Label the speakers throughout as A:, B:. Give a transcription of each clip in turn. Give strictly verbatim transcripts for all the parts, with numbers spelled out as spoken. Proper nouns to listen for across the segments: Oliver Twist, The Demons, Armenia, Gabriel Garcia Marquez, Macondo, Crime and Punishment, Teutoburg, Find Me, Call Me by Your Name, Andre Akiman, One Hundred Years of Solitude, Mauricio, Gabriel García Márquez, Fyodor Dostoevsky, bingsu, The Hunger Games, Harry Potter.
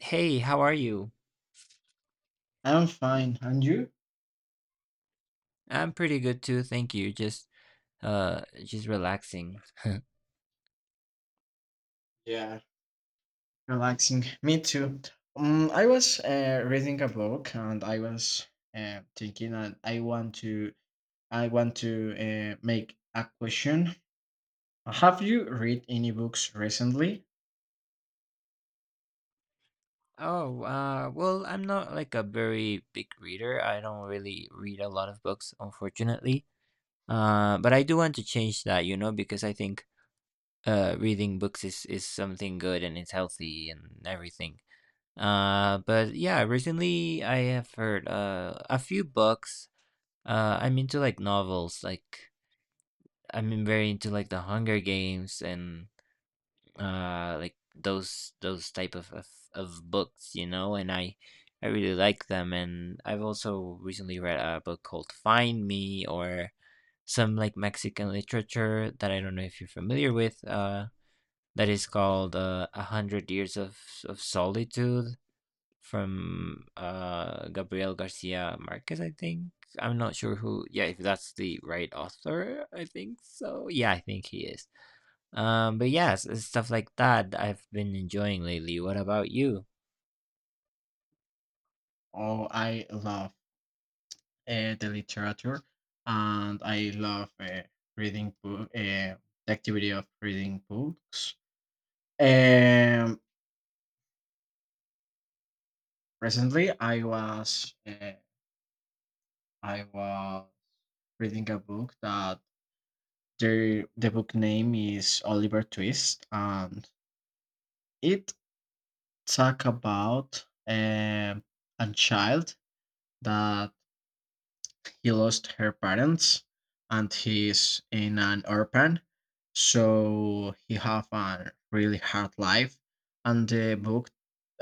A: Hey, how are you?
B: I'm fine. And you?
A: I'm pretty good too, thank you. Just uh just relaxing.
B: Yeah, relaxing. Me too. Um, I was uh, reading a book and I was uh, thinking that I want to I want to uh, make a question. Have you read any books recently?
A: Oh, uh well, I'm not like a very big reader. I don't really read a lot of books, unfortunately. Uh but I do want to change that, you know, because I think uh reading books is is something good and it's healthy and everything. Uh but yeah, recently I have heard uh a few books. Uh I'm into like novels, like I'm very into like The Hunger Games and uh like those those type of, of of books, you know. And i i really like them, and I've also recently read a book called Find Me. Or some like Mexican literature that I don't know if you're familiar with, uh that is called uh, A Hundred Years of of Solitude from uh Gabriel Garcia Marquez, I think. I'm not sure who. Yeah, if that's the right author. I think so, yeah, I think he is. um, but yes, it's stuff like that that I've been enjoying lately. What about you?
B: Oh, I love uh, the literature, and I love uh, reading book, uh, the activity of reading books. Um, Recently I was uh, I was reading a book that The the book name is Oliver Twist, and it talk about um, a child that he lost her parents, and he's in an orphan, so he have a really hard life. And the book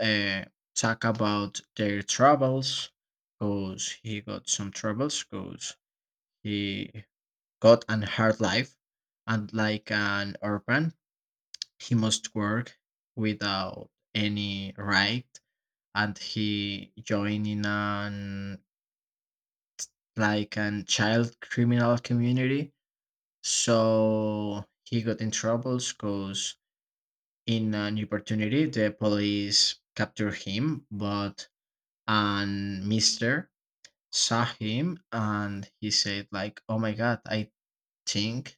B: uh, talk about their troubles, cause he got some troubles, cause he got an hard life, and like an orphan he must work without any right, and he joined in an like an child criminal community, so he got in troubles because in an opportunity the police captured him, but an mister saw him and he said like, oh my god, I think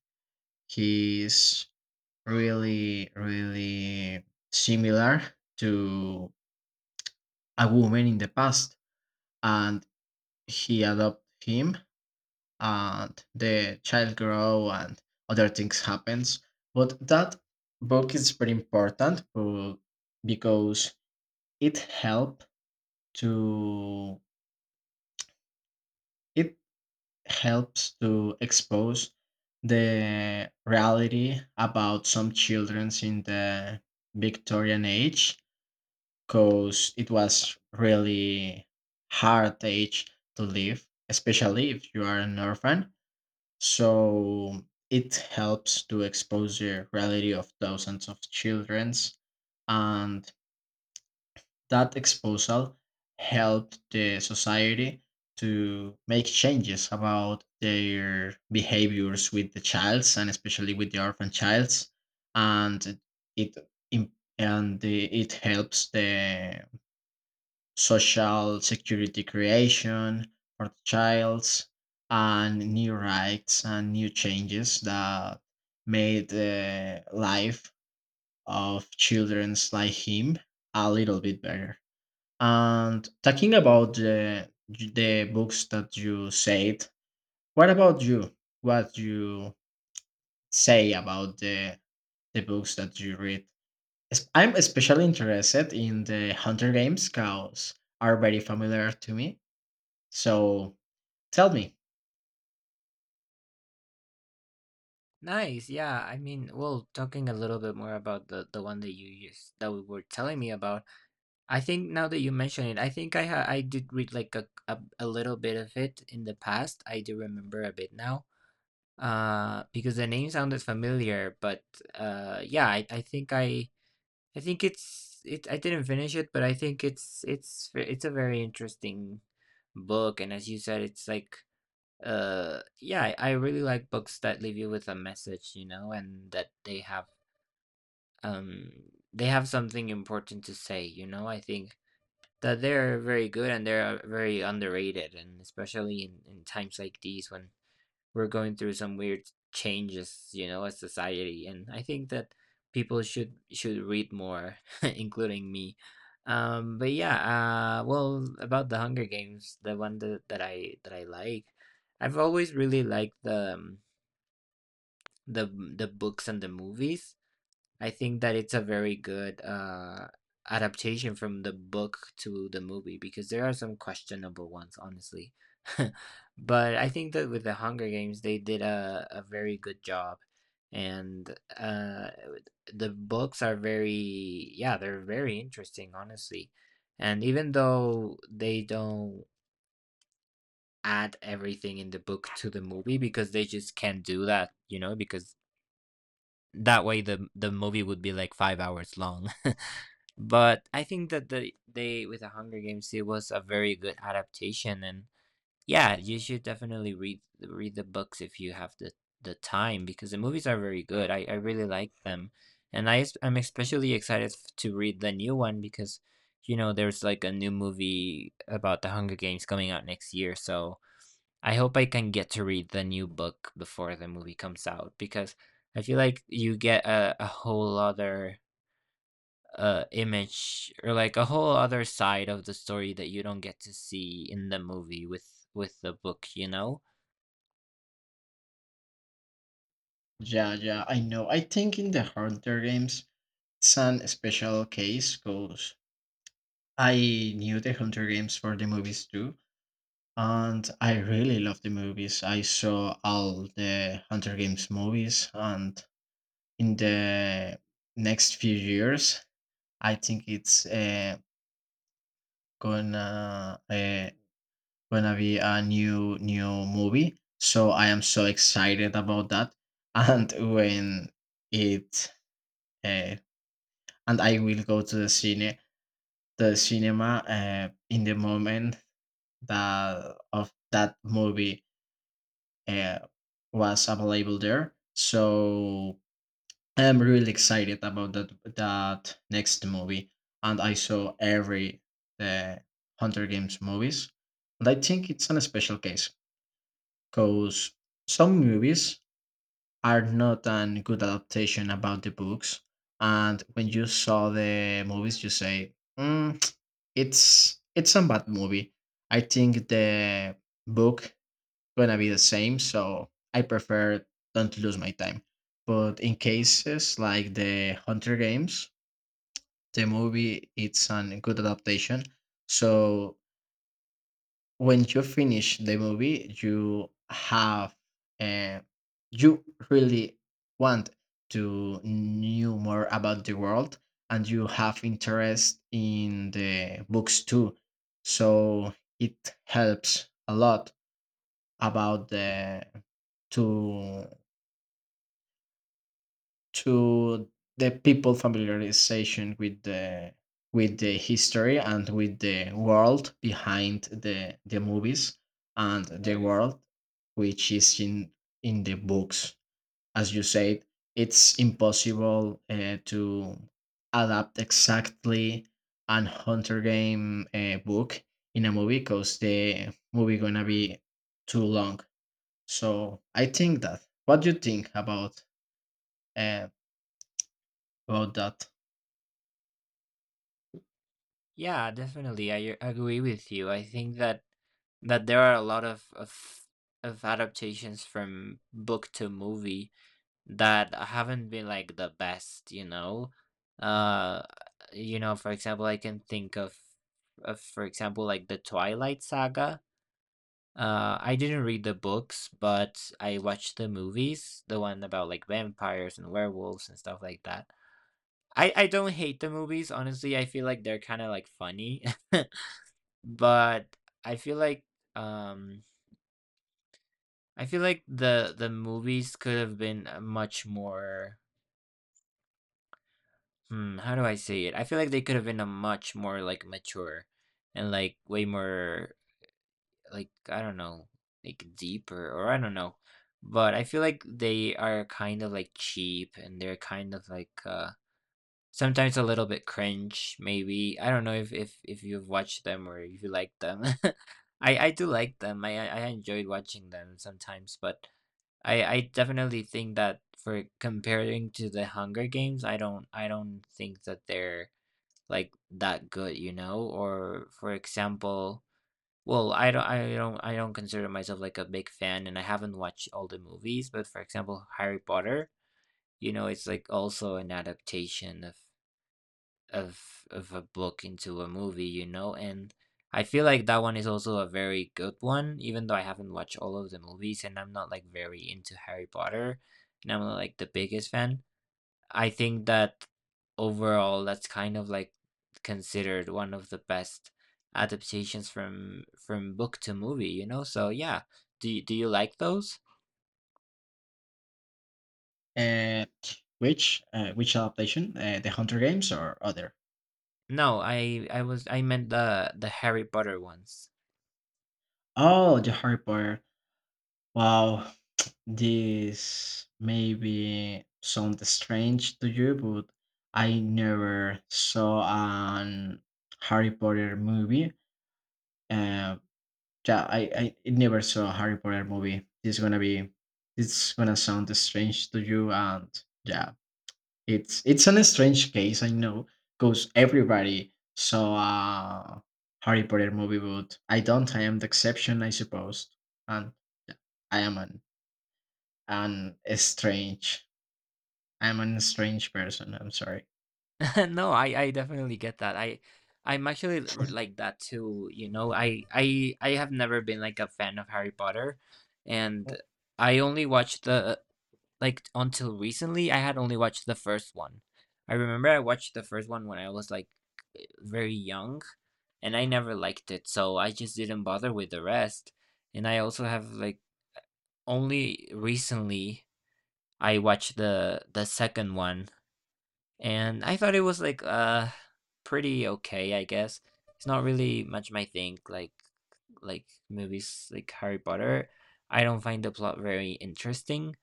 B: he's really really similar to a woman in the past, and he adopted him, and the child grow and other things happens, but that book is very important uh, because it help to it helps to expose the reality about some children in the Victorian age, because it was really hard age to live, especially if you are an orphan. So it helps to expose the reality of thousands of childrens, and that exposure helped the society to make changes about their behaviors with the childs and especially with the orphan childs, and it im- and the, it helps the social security creation for the childs, and new rights and new changes that made the life of childrens like him a little bit better. And talking about the the books that you said, what about you? What you say about the the books that you read? Es- I'm especially interested in the Hunter Games because are very familiar to me. So tell me.
A: Nice. Yeah. I mean, well, talking a little bit more about the the one that you used that we were telling me about. I think now that you mention it, I think I ha I did read like a, a a little bit of it in the past. I do remember a bit now. Uh because the name sounded familiar, but uh yeah, I, I think i i think it's it I didn't finish it, but I think it's it's it's a very interesting book, and as you said, it's like uh yeah. i, I really like books that leave you with a message, you know, and that they have um they have something important to say, you know. I think that they're very good and they're uh, very underrated, and especially in, in times like these when we're going through some weird changes, you know, as society, and I think that people should should read more, including me. Um, but yeah, uh, well, about the Hunger Games, the one that, that I that I like, I've always really liked the um, the the books and the movies. I think that it's a very good uh, adaptation from the book to the movie because there are some questionable ones, honestly. but I think that with the Hunger Games, they did a, a very good job. And uh, the books are very, yeah, they're very interesting, honestly. And even though they don't add everything in the book to the movie because they just can't do that, you know, because that way the the movie would be like five hours long, but I think that the they with the Hunger Games it was a very good adaptation, and yeah, you should definitely read read the books if you have the the time because the movies are very good. I I really like them, and I es- I'm especially excited f- to read the new one because you know there's like a new movie about the Hunger Games coming out next year, so I hope I can get to read the new book before the movie comes out because I feel like you get a, a whole other uh image, or like a whole other side of the story that you don't get to see in the movie with with the book, you know.
B: Yeah, yeah, I know. I think in the Hunter games, it's an special case because I knew the Hunter games for the movies too. And I really love the movies. I saw all the Hunter Games movies, and in the next few years, I think it's uh, gonna uh, gonna be a new new movie. So I am so excited about that. And when it uh, and I will go to the cine the cinema uh, in the moment that of that movie uh, was available there. So I'm really excited about that that next movie, and I saw every the Hunter Games movies, and I think it's an special case because some movies are not a good adaptation about the books. And when you saw the movies, you say, mm, "It's it's a bad movie." I think the book gonna be the same, so I prefer don't lose my time. But in cases like the Hunter Games, the movie it's a good adaptation, so when you finish the movie you have uh, you really want to know more about the world, and you have interest in the books too, so it helps a lot about the to to the people familiarization with the with the history and with the world behind the the movies and the world which is in in the books. As you said, it's impossible uh, to adapt exactly an hunter game uh, book in a movie because the movie gonna be too long, so I think that what do you think about uh, about that?
A: Yeah, definitely, I agree with you. I think that that there are a lot of of, of adaptations from book to movie that haven't been like the best, you know. uh you know, for example, I can think of of for example, like the Twilight saga. Uh, I didn't read the books, but I watched the movies, the one about like vampires and werewolves and stuff like that. I I don't hate the movies, honestly. I feel like they're kind of like funny, but I feel like um I feel like the the movies could have been a much more hmm, how do I say it? I feel like they could have been a much more like mature and like way more like, I don't know, like deeper, or I don't know. But I feel like they are kind of like cheap and they're kind of like uh sometimes a little bit cringe maybe. I don't know if if if you've watched them, or if you like them. I I do like them. I I I enjoyed watching them sometimes, but I I definitely think that for comparing to the Hunger Games, I don't I don't think that they're like that good, you know? Or for example, well, I don't I don't I don't consider myself like a big fan, and I haven't watched all the movies, but for example, Harry Potter, you know, it's like also an adaptation of of of a book into a movie, you know. And I feel like that one is also a very good one, even though I haven't watched all of the movies and I'm not like very into Harry Potter, and I'm not like the biggest fan. I think that overall, that's kind of like considered one of the best adaptations from from book to movie, you know? So yeah, do you, do you like those?
B: Uh, which uh, which adaptation? Uh, the Hunter Games or other?
A: No, I I was I meant the the Harry Potter ones.
B: Oh, the Harry Potter. Wow, this maybe sound strange to you, but I never saw an Harry Potter movie. Uh, yeah, I, I I never saw a Harry Potter movie. This gonna be, it's gonna sound strange to you, and yeah, It's it's an strange case, I know, because everybody saw a Harry Potter movie, but I don't. I am the exception, I suppose, and I am an an a strange. I'm an strange person. I'm sorry.
A: No, I I definitely get that. I I'm actually l- like that too, you know. I I I have never been like a fan of Harry Potter, and
B: Mm,
A: I only watched the like, until recently, I had only watched the first one. I remember I watched the first one when I was, like, very young, and I never liked it, so I just didn't bother with the rest, and I also have, like only recently, I watched the the second one, and I thought it was, like, uh, pretty okay, I guess. It's not really much my thing, like like movies like Harry Potter. I don't find the plot very interesting,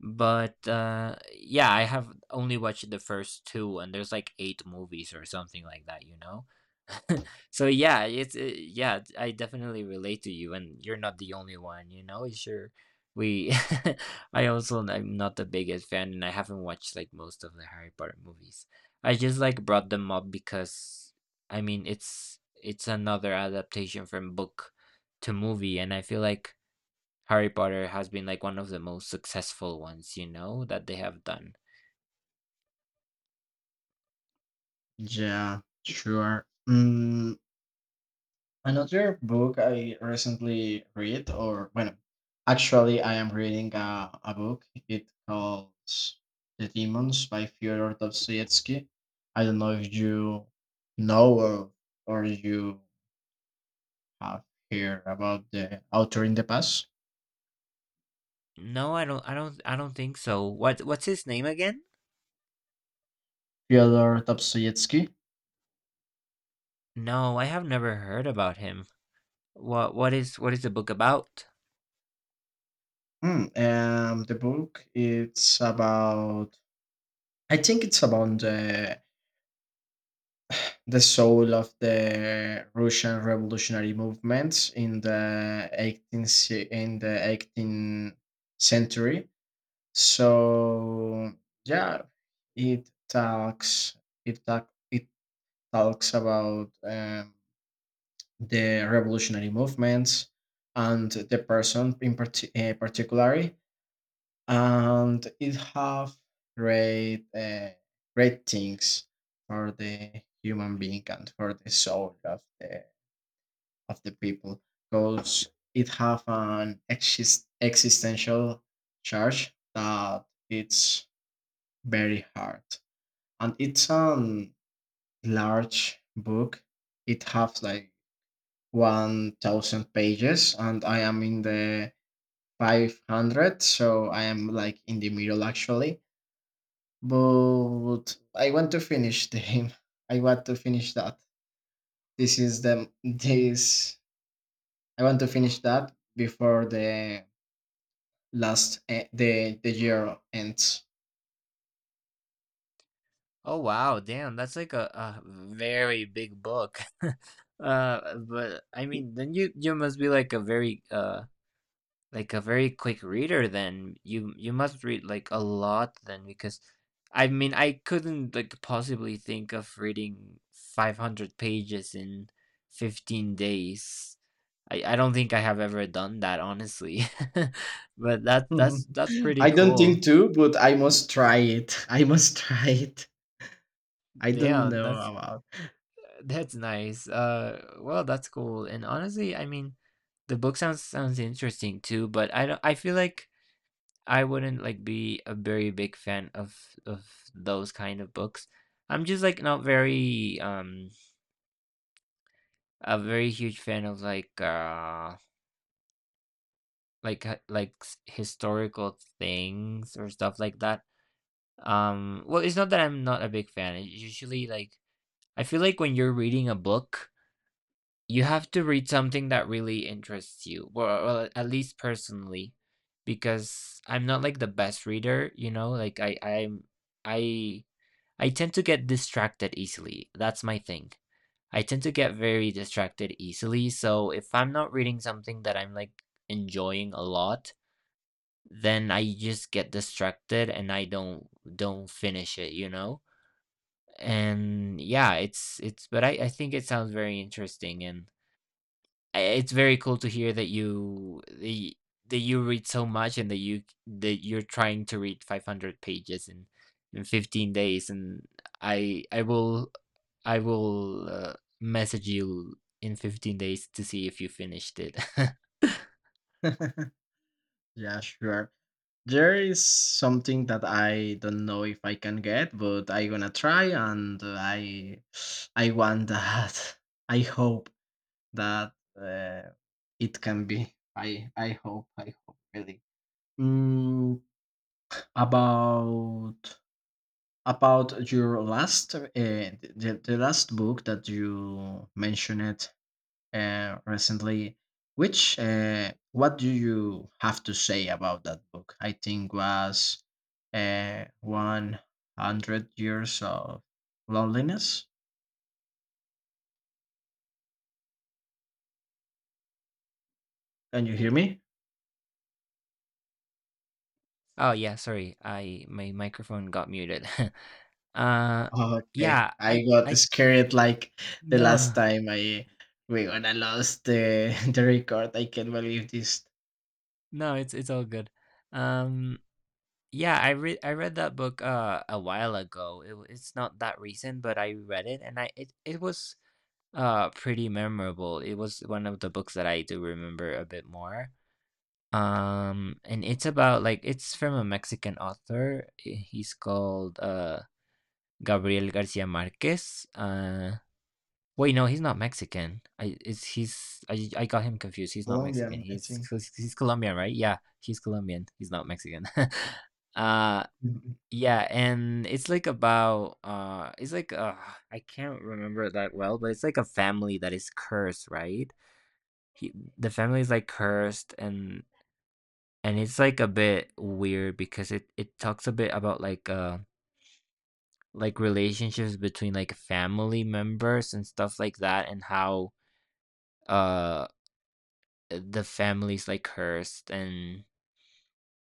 A: but, uh, yeah, I have only watched the first two, and there's, like, eight movies or something like that, you know? So, yeah, it's, uh yeah, d- I definitely relate to you, and you're not the only one, you know? Sure, we I also n- I'm not the biggest fan, and I haven't watched, like, most of the Harry Potter movies. I just, like, brought them up because, I mean, it's it's another adaptation from book to movie, and I feel like Harry Potter has been like one of the most successful ones, you know, that they have done.
B: yeah, sure. Mm, another book I recently read, or well, actually, I am reading a, a book. It calls The Demons by Fyodor Dostoevsky. I don't know if you know or, or you have heard about the author in the past,
A: No, I don't I don't I don't think so. What what's his name again?
B: Fyodor Dostoevsky.
A: No, I have never heard about him. What what is what is the book about?
B: Hmm, um, the book it's about. I think it's about the the soul of the Russian revolutionary movements in the eighteenth ce- in the eighteenth century. So yeah, it talks it talk, it talks about um, the revolutionary movements and the person in parti- uh, particularly, and it have great uh, great things for the human being and for the soul of the of the people because it have an exist- existential charge that it's very hard, and it's an large book. It have like one thousand pages, and I am in the five hundred, so I am like in the middle actually, but I want to finish the game. I want to finish that. This is the this I want to finish that before the last eh, the the year ends.
A: Oh wow, damn, that's like a, a very big book. uh but I mean, then you you must be like a very uh like a very quick reader then. You you must read like a lot then because I mean I couldn't like possibly think of reading five hundred pages in fifteen days. I, I don't think I have ever done that, honestly. But that that's that's pretty
B: I don't
A: cool.
B: think too, but I must try it. I must try it. I don't
A: Damn,
B: know
A: that's
B: about.
A: that's nice. Uh well, that's cool. And honestly, I mean the book sounds sounds interesting too, but I don't I feel like I wouldn't like be a very big fan of of those kind of books. I'm just like not very um a very huge fan of like uh like h- like s- historical things or stuff like that. Um well, it's not that I'm not a big fan. It usually like I feel like when you're reading a book, you have to read something that really interests you. Well, well, at least personally, because I'm not like the best reader, you know, like I I'm I I tend to get distracted easily. That's my thing. I tend to get very distracted easily. So if I'm not reading something that I'm like enjoying a lot, then I just get distracted and I don't don't finish it, you know? And yeah, it's it's but I I think it sounds very interesting, and I- it's very cool to hear that you that y- that you read so much, and that you that you're trying to read five hundred pages in in fifteen days, and I I will i will uh, message you in fifteen days to see if you finished it.
B: Yeah, sure. There is something that I don't know if I can get, but I gonna try, and I I want that. I hope that uh, it can be. I I hope. I hope really. Mm, about about your last uh, the, the last book that you mentioned uh, recently, which uh, what do you have to say about that book? I think was uh, one hundred years of loneliness. Can you hear me?
A: Oh yeah, sorry, I my microphone got muted. uh
B: Okay,
A: yeah,
B: I
A: I
B: got
A: I
B: scared like the last
A: no.
B: time. I We gonna lost the the record. I can't believe this.
A: No, it's it's all good. um Yeah, I read I read that book uh a while ago. It, w- it's not that recent, but I read it, and I it, it was uh pretty memorable. It was one of the books that I do remember a bit more. Um and it's about like it's from a Mexican author. I- He's called uh Gabriel Garcia Marquez. Uh wait, no, he's not Mexican. I it's he's I I got him confused. He's not Mexican.
B: Colombian, I
A: He's
B: think.
A: he's Colombian, right? Yeah, he's Colombian. He's not Mexican. uh
B: Mhm.
A: yeah, and it's like about uh it's like uh I can't remember it that well, but it's like a family that is cursed, right? He, the family is like cursed, and and it's like a bit weird because it it talks a bit about like uh like relationships between like family members and stuff like that, and how uh the family's like cursed, and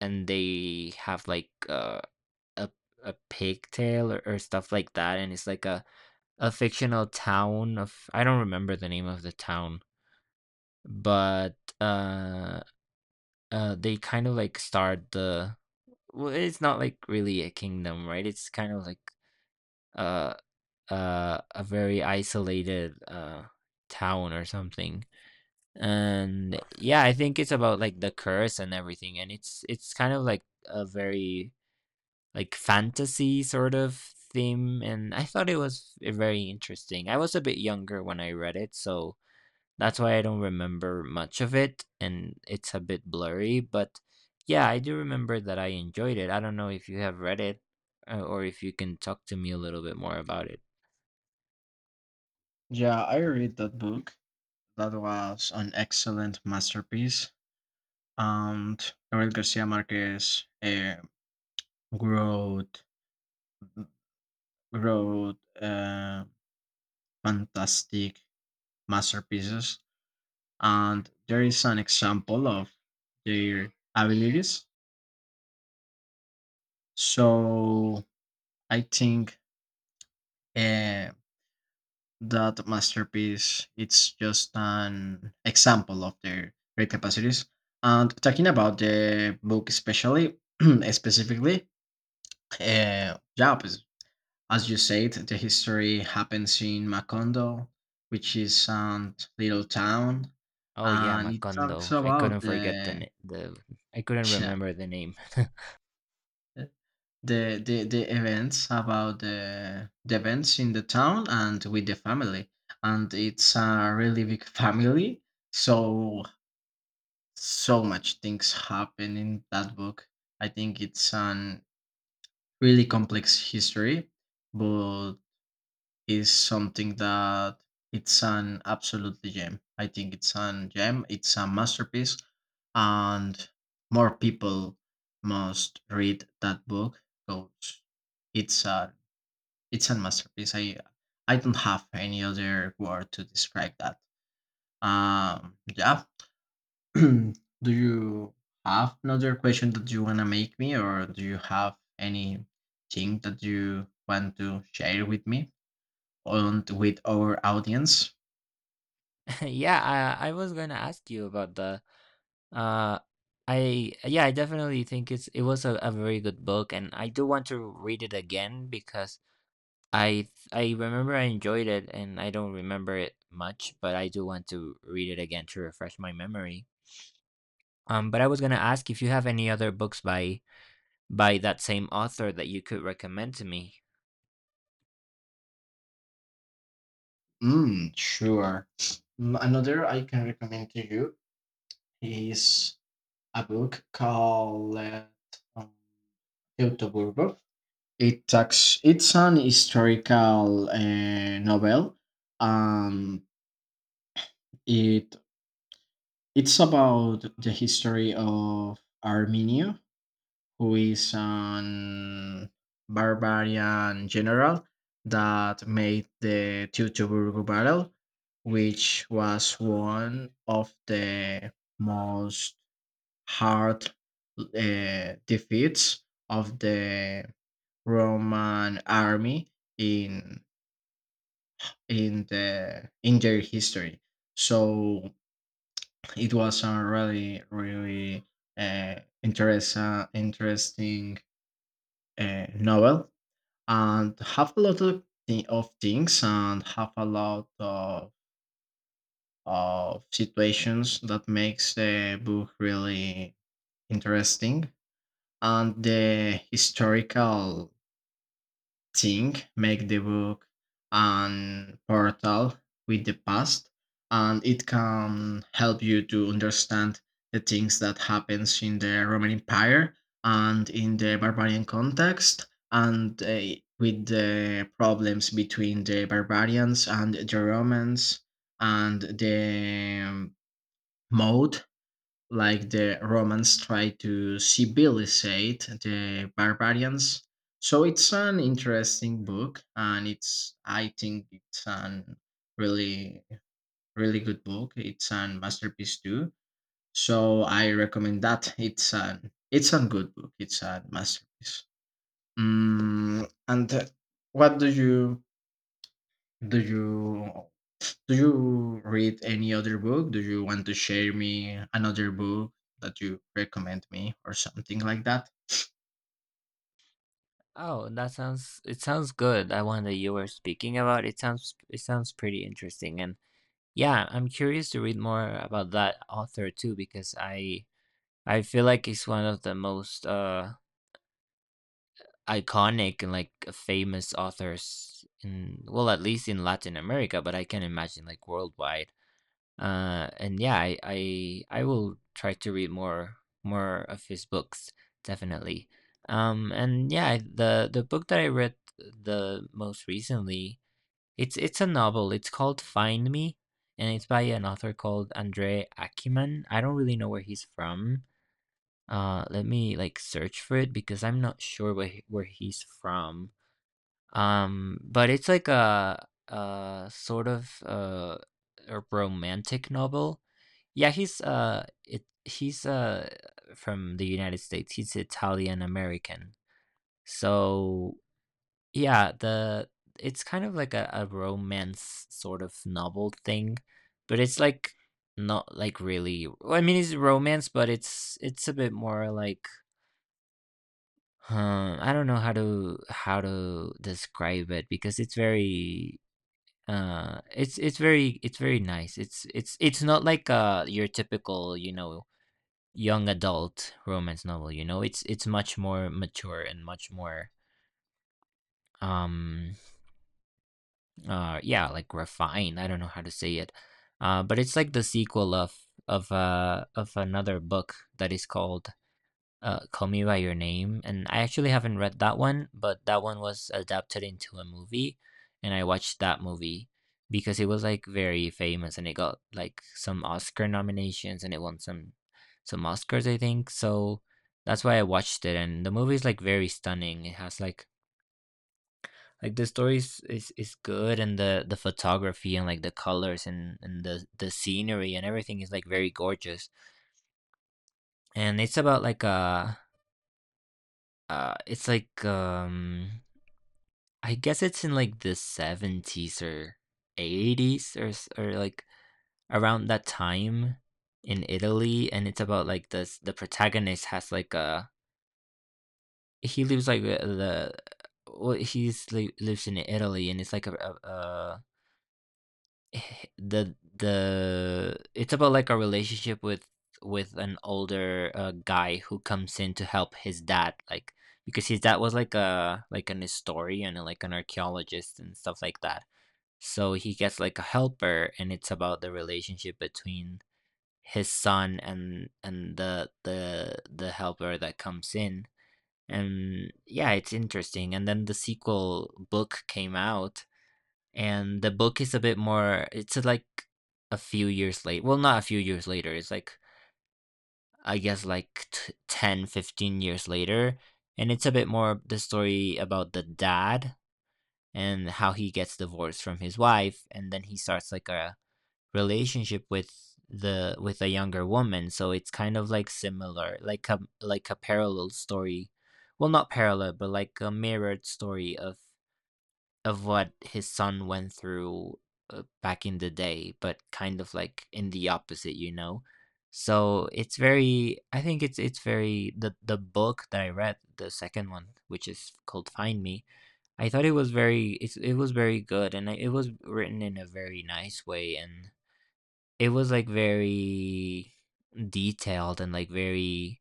A: and they have like uh a a pigtail, or, or stuff like that, and it's like a a fictional town of, I don't remember the name of the town, but uh, uh they kind of like start the well, it's not like really a kingdom, right? It's kind of like uh uh a very isolated uh town or something. And yeah, I think it's about like the curse and everything, and it's it's kind of like a very like fantasy sort of theme, and I thought it was very interesting. I was a bit younger when I read it, so that's why I don't remember much of it and it's a bit blurry, but yeah, I do remember that I enjoyed it. I don't know if you have read it, uh, or if you can talk to me a little bit more about it.
B: Yeah, I read that book. That was an excellent masterpiece. And Gabriel Garcia Marquez uh, wrote wrote uh, fantastic masterpieces, and there is an example of their abilities. So I think uh, that masterpiece it's just an example of their great capacities. And talking about the book, especially specifically, Uh, yeah, but as you said, the history happens in Macondo, which is a little town,
A: Oh yeah,
B: and it talks
A: Macondo. I
B: about
A: couldn't
B: the
A: forget the na- the I couldn't
B: yeah,
A: remember the name.
B: the the the events about the the events in the town and with the family, and it's a really big family, so so much things happen in that book. I think it's an really complex history, but is something that it's an absolutely gem. I think it's an gem. It's a masterpiece, and more people must read that book because it's a it's a masterpiece. I I don't have any other word to describe that. Um, yeah. Do you have another question that you wanna make me, or do you have anything that you want to share with me and with our audience?
A: Yeah, I, I was going to ask you about the Uh, I Yeah, I definitely think it's it was a, a very good book, and I do want to read it again because I I remember I enjoyed it, and I don't remember it much, but I do want to read it again to refresh my memory. Um, but I was gonna ask if you have any other books by by that same author that you could recommend to me.
B: Mm, sure. Mm, another I can recommend to you is a book called um, Teutoburgo. It talks, it's an historical uh, novel. Um, it it's about the history of Armenia, who is an barbarian general that made the Teutoburg battle, which was one of the most hard uh, defeats of the Roman army in in the in their history. So it was a really really uh, interest interesting uh, novel and have a lot of, thi- of things and have a lot of, of situations that makes the book really interesting, and the historical thing make the book an portal with the past, and it can help you to understand the things that happens in the Roman empire and in the barbarian context, and uh, with the problems between the barbarians and the Romans, and the um, mode like the Romans tried to civilizate the barbarians. So it's an interesting book, and it's I think it's an really really good book. It's an masterpiece too. So I recommend that. It's an it's a good book. It's a masterpiece. Mm, and uh, what do you do you do you read any other book? Do you want to share me another book that you recommend me or something like that?
A: Oh, that sounds it sounds good. That one that you were speaking about, it sounds it sounds pretty interesting, and yeah, I'm curious to read more about that author too because I I feel like he's one of the most uh iconic and like famous authors in, well, at least in Latin America, but I can imagine like worldwide. Uh and yeah, I I, I will try to read more more of his books, definitely. Um and yeah, the the book that I read the most recently, it's it's a novel. It's called Find Me, and it's by an author called Andre Akiman. I don't really know where he's from. Uh, let me like search for it because I'm not sure where he- where he's from. Um, but it's like a a sort of uh a romantic novel. Yeah, he's uh it he's uh from the United States. He's Italian American. So yeah, the it's kind of like a, a romance sort of novel thing, but it's like, not like really. I mean, it's romance, but it's it's a bit more like. Huh, I don't know how to how to describe it because it's very uh it's it's very it's very nice. It's it's it's not like uh your typical, you know, young adult romance novel, you know. It's it's much more mature and much more um uh yeah, like refined. I don't know how to say it. Uh but it's like the sequel of of uh of another book that is called, uh, Call Me by Your Name, and I actually haven't read that one, but that one was adapted into a movie, and I watched that movie because it was like very famous, and it got like some Oscar nominations, and it won some some Oscars, I think. So that's why I watched it, and the movie is like very stunning. It has like like the story is, is, is good, and the, the photography, and like the colors, and, and the, the scenery and everything is like very gorgeous. And it's about like a, uh, it's like, um I guess it's in like the seventies or eighties, or s- or like around that time in Italy. And it's about like this the protagonist has like a, he lives like uh, the well, he's li- lives in Italy, and it's like a, a, a h- the the it's about like a relationship with with an older, uh, guy who comes in to help his dad, like, because his dad was like a like an historian and like an archaeologist and stuff like that. So he gets like a helper, and it's about the relationship between his son and and the the the helper that comes in. And yeah, it's interesting. And then the sequel book came out, and the book is a bit more. It's like a few years late. Well, not a few years later. It's like, I guess, like t- ten, fifteen years later, and it's a bit more the story about the dad and how he gets divorced from his wife, and then he starts like a relationship with the with a younger woman. So it's kind of like similar, like a, like a parallel story. Well, not parallel, but like a mirrored story of of what his son went through, uh, back in the day, but kind of like in the opposite, you know so it's very, I think it's it's very, the the book that I read, the second one, which is called Find Me, I thought it was very it's, it was very good, and it was written in a very nice way. And it was, like, very detailed and, like, very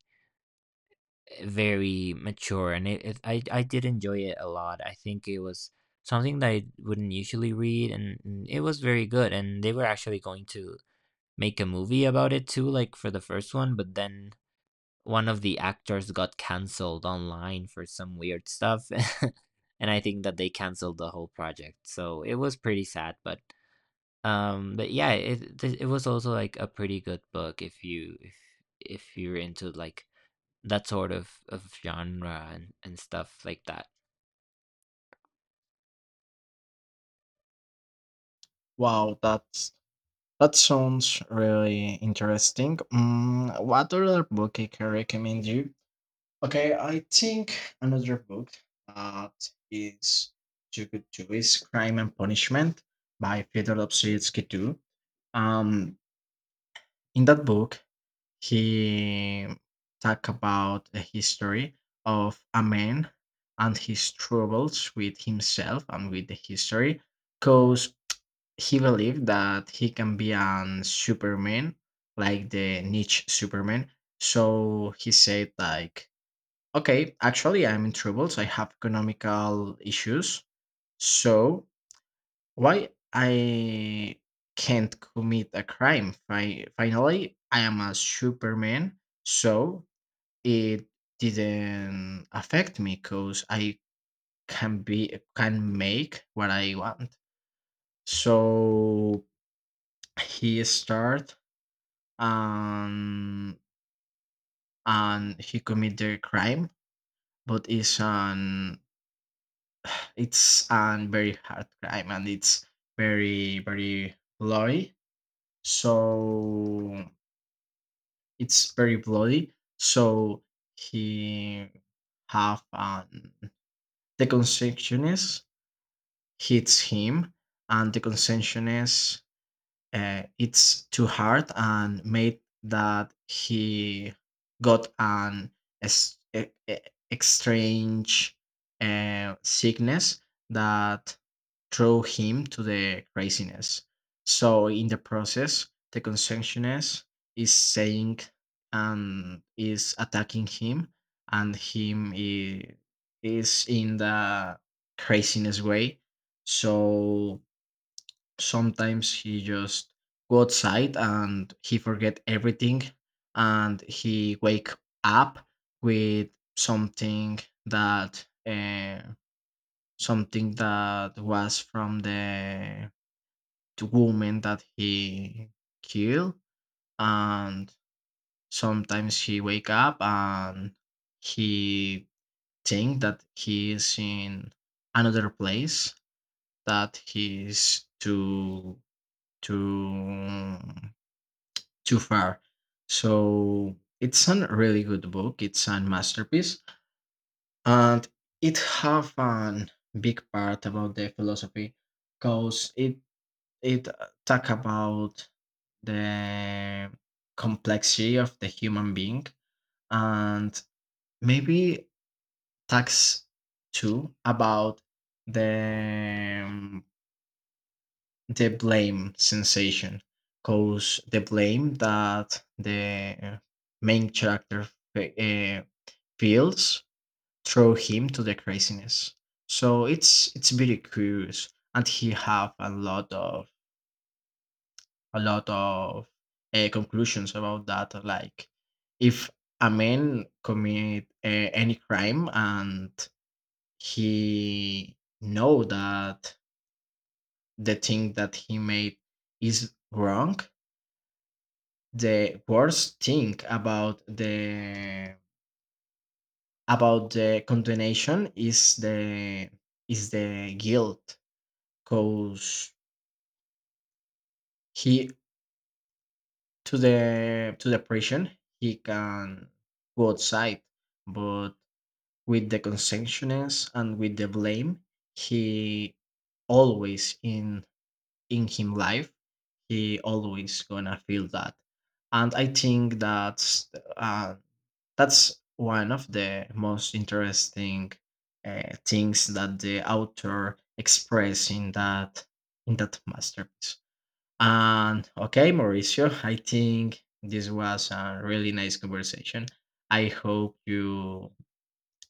A: very mature, and it it I I did enjoy it a lot. I think it was something that I wouldn't usually read, and and it was very good, and they were actually going to make a movie about it too, like, for the first one, but then one of the actors got canceled online for some weird stuff, and I think that they canceled the whole project, so it was pretty sad, but um, but yeah, it th- it was also like a pretty good book if you if if you're into like that sort of of genre and and stuff like that.
B: Wow, that's that sounds really interesting. Mm, what other book I can recommend you? Okay, I think another book that is too good to is Crime and Punishment by Fyodor Dostoevsky too. Um, in that book, he talk about the history of a man and his troubles with himself and with the history because he believed that he can be an superman, like the Niche superman. So he said like, okay, actually I'm in troubles, I have economical issues, so why I can't commit a crime? Fi- finally I am a superman, so it didn't affect me because I can be can make what I want. So he start um and he commit the crime, but it's an it's an very hard crime, and it's very very bloody. So it's very bloody. So he have um the consequences hits him, and the consension is uh, it's too hard and made that he got an ex- e- e- exchange uh, sickness that threw him to the craziness. So in the process, the consumptionist is saying and is attacking him, and him i- is in the craziness way. So sometimes he just go outside and he forget everything, and he wake up with something that uh, something that was from the the woman that he killed, and sometimes he wake up and he think that he is in another place that he is to to too far. So it's a really good book. It's a masterpiece, and it have an big part about the philosophy, cause it it uh, talk about the complexity of the human being, and maybe talks too about the um, the blame sensation, cause the blame that the uh, main character fe- uh, feels throw him to the craziness. So it's it's very curious, and he have a lot of a lot of uh, conclusions about that, like if a man commit uh, any crime, and he know that the thing that he made is wrong, the worst thing about the about the condemnation is the is the guilt, because he to the to the prison he can go outside, but with the conscientiousness and with the blame, he always in in him life he always gonna feel that, and I think that's uh, that's one of the most interesting uh, things that the author expressed in that in that masterpiece. And okay, Mauricio, I think this was a really nice conversation. I hope you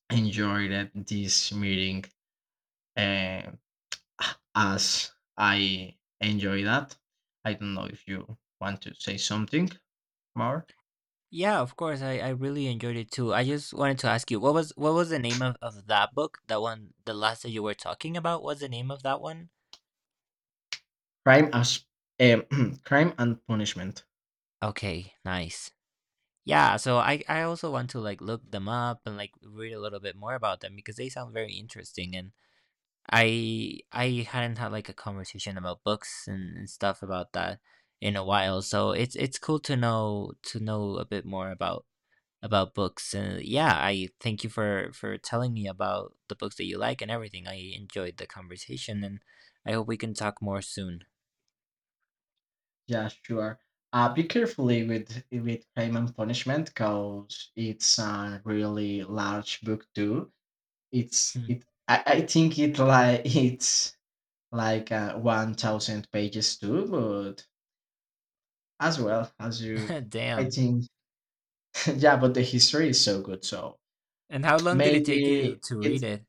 B: enjoyed it, this meeting, uh, as I enjoy that. I don't know if you want to say something more.
A: Yeah, of course, I I really enjoyed it too. I just wanted to ask you, what was what was the name of of that book? That one, the last that you were talking about, what's the name of that one?
B: Crime as um, crime and punishment.
A: Okay, nice. Yeah, so I I also want to like look them up and like read a little bit more about them because they sound very interesting. And I I hadn't had like a conversation about books and, and stuff about that in a while, so it's it's cool to know to know a bit more about about books. And yeah, I thank you for for telling me about the books that you like and everything. I enjoyed the conversation, and I hope we can talk more soon.
B: Yeah, sure. Uh, be carefully with with Crime and Punishment because it's a really large book too. It's it. I, I think it like it's like uh, one thousand pages too, but as well as you, I
A: Damn.
B: think yeah. But the history is so good, so
A: And how long did it take you
B: maybe
A: to
B: it's
A: read it?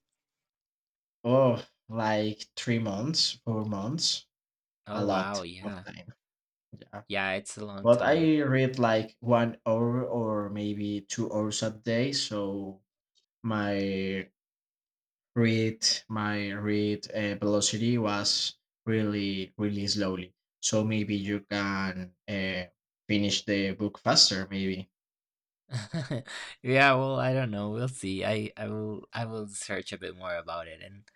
B: oh like three months, four months, a
A: Oh
B: lot
A: wow,
B: of
A: yeah.
B: time. Yeah.
A: Yeah, it's a long
B: But
A: time.
B: I read like one hour or maybe two hours a day. So my read my read uh, velocity was really really slowly. So maybe you can uh, finish the book faster. Maybe
A: Yeah, well, I don't know. We'll see. I I will I will search a bit more about it. and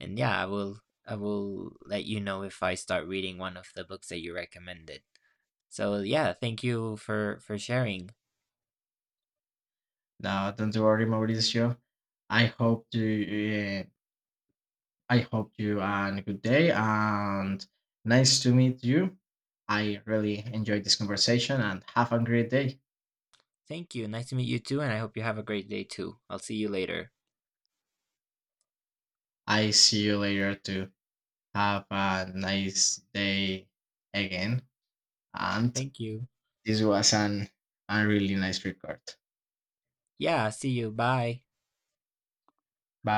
A: And yeah, I will I will let you know if I start reading one of the books that you recommended. So yeah, thank you for for sharing.
B: no, don't worry, Mauricio. I hope you. Uh, I hope you and good day and nice to meet you. I really enjoyed this conversation and have a great day.
A: Thank you. Nice to meet you too, and I hope you have a great day too. I'll see you later.
B: I see you later too. Have a nice day again. And
A: Thank you.
B: this was an, a really nice record.
A: Yeah, see you. Bye.
B: Bye.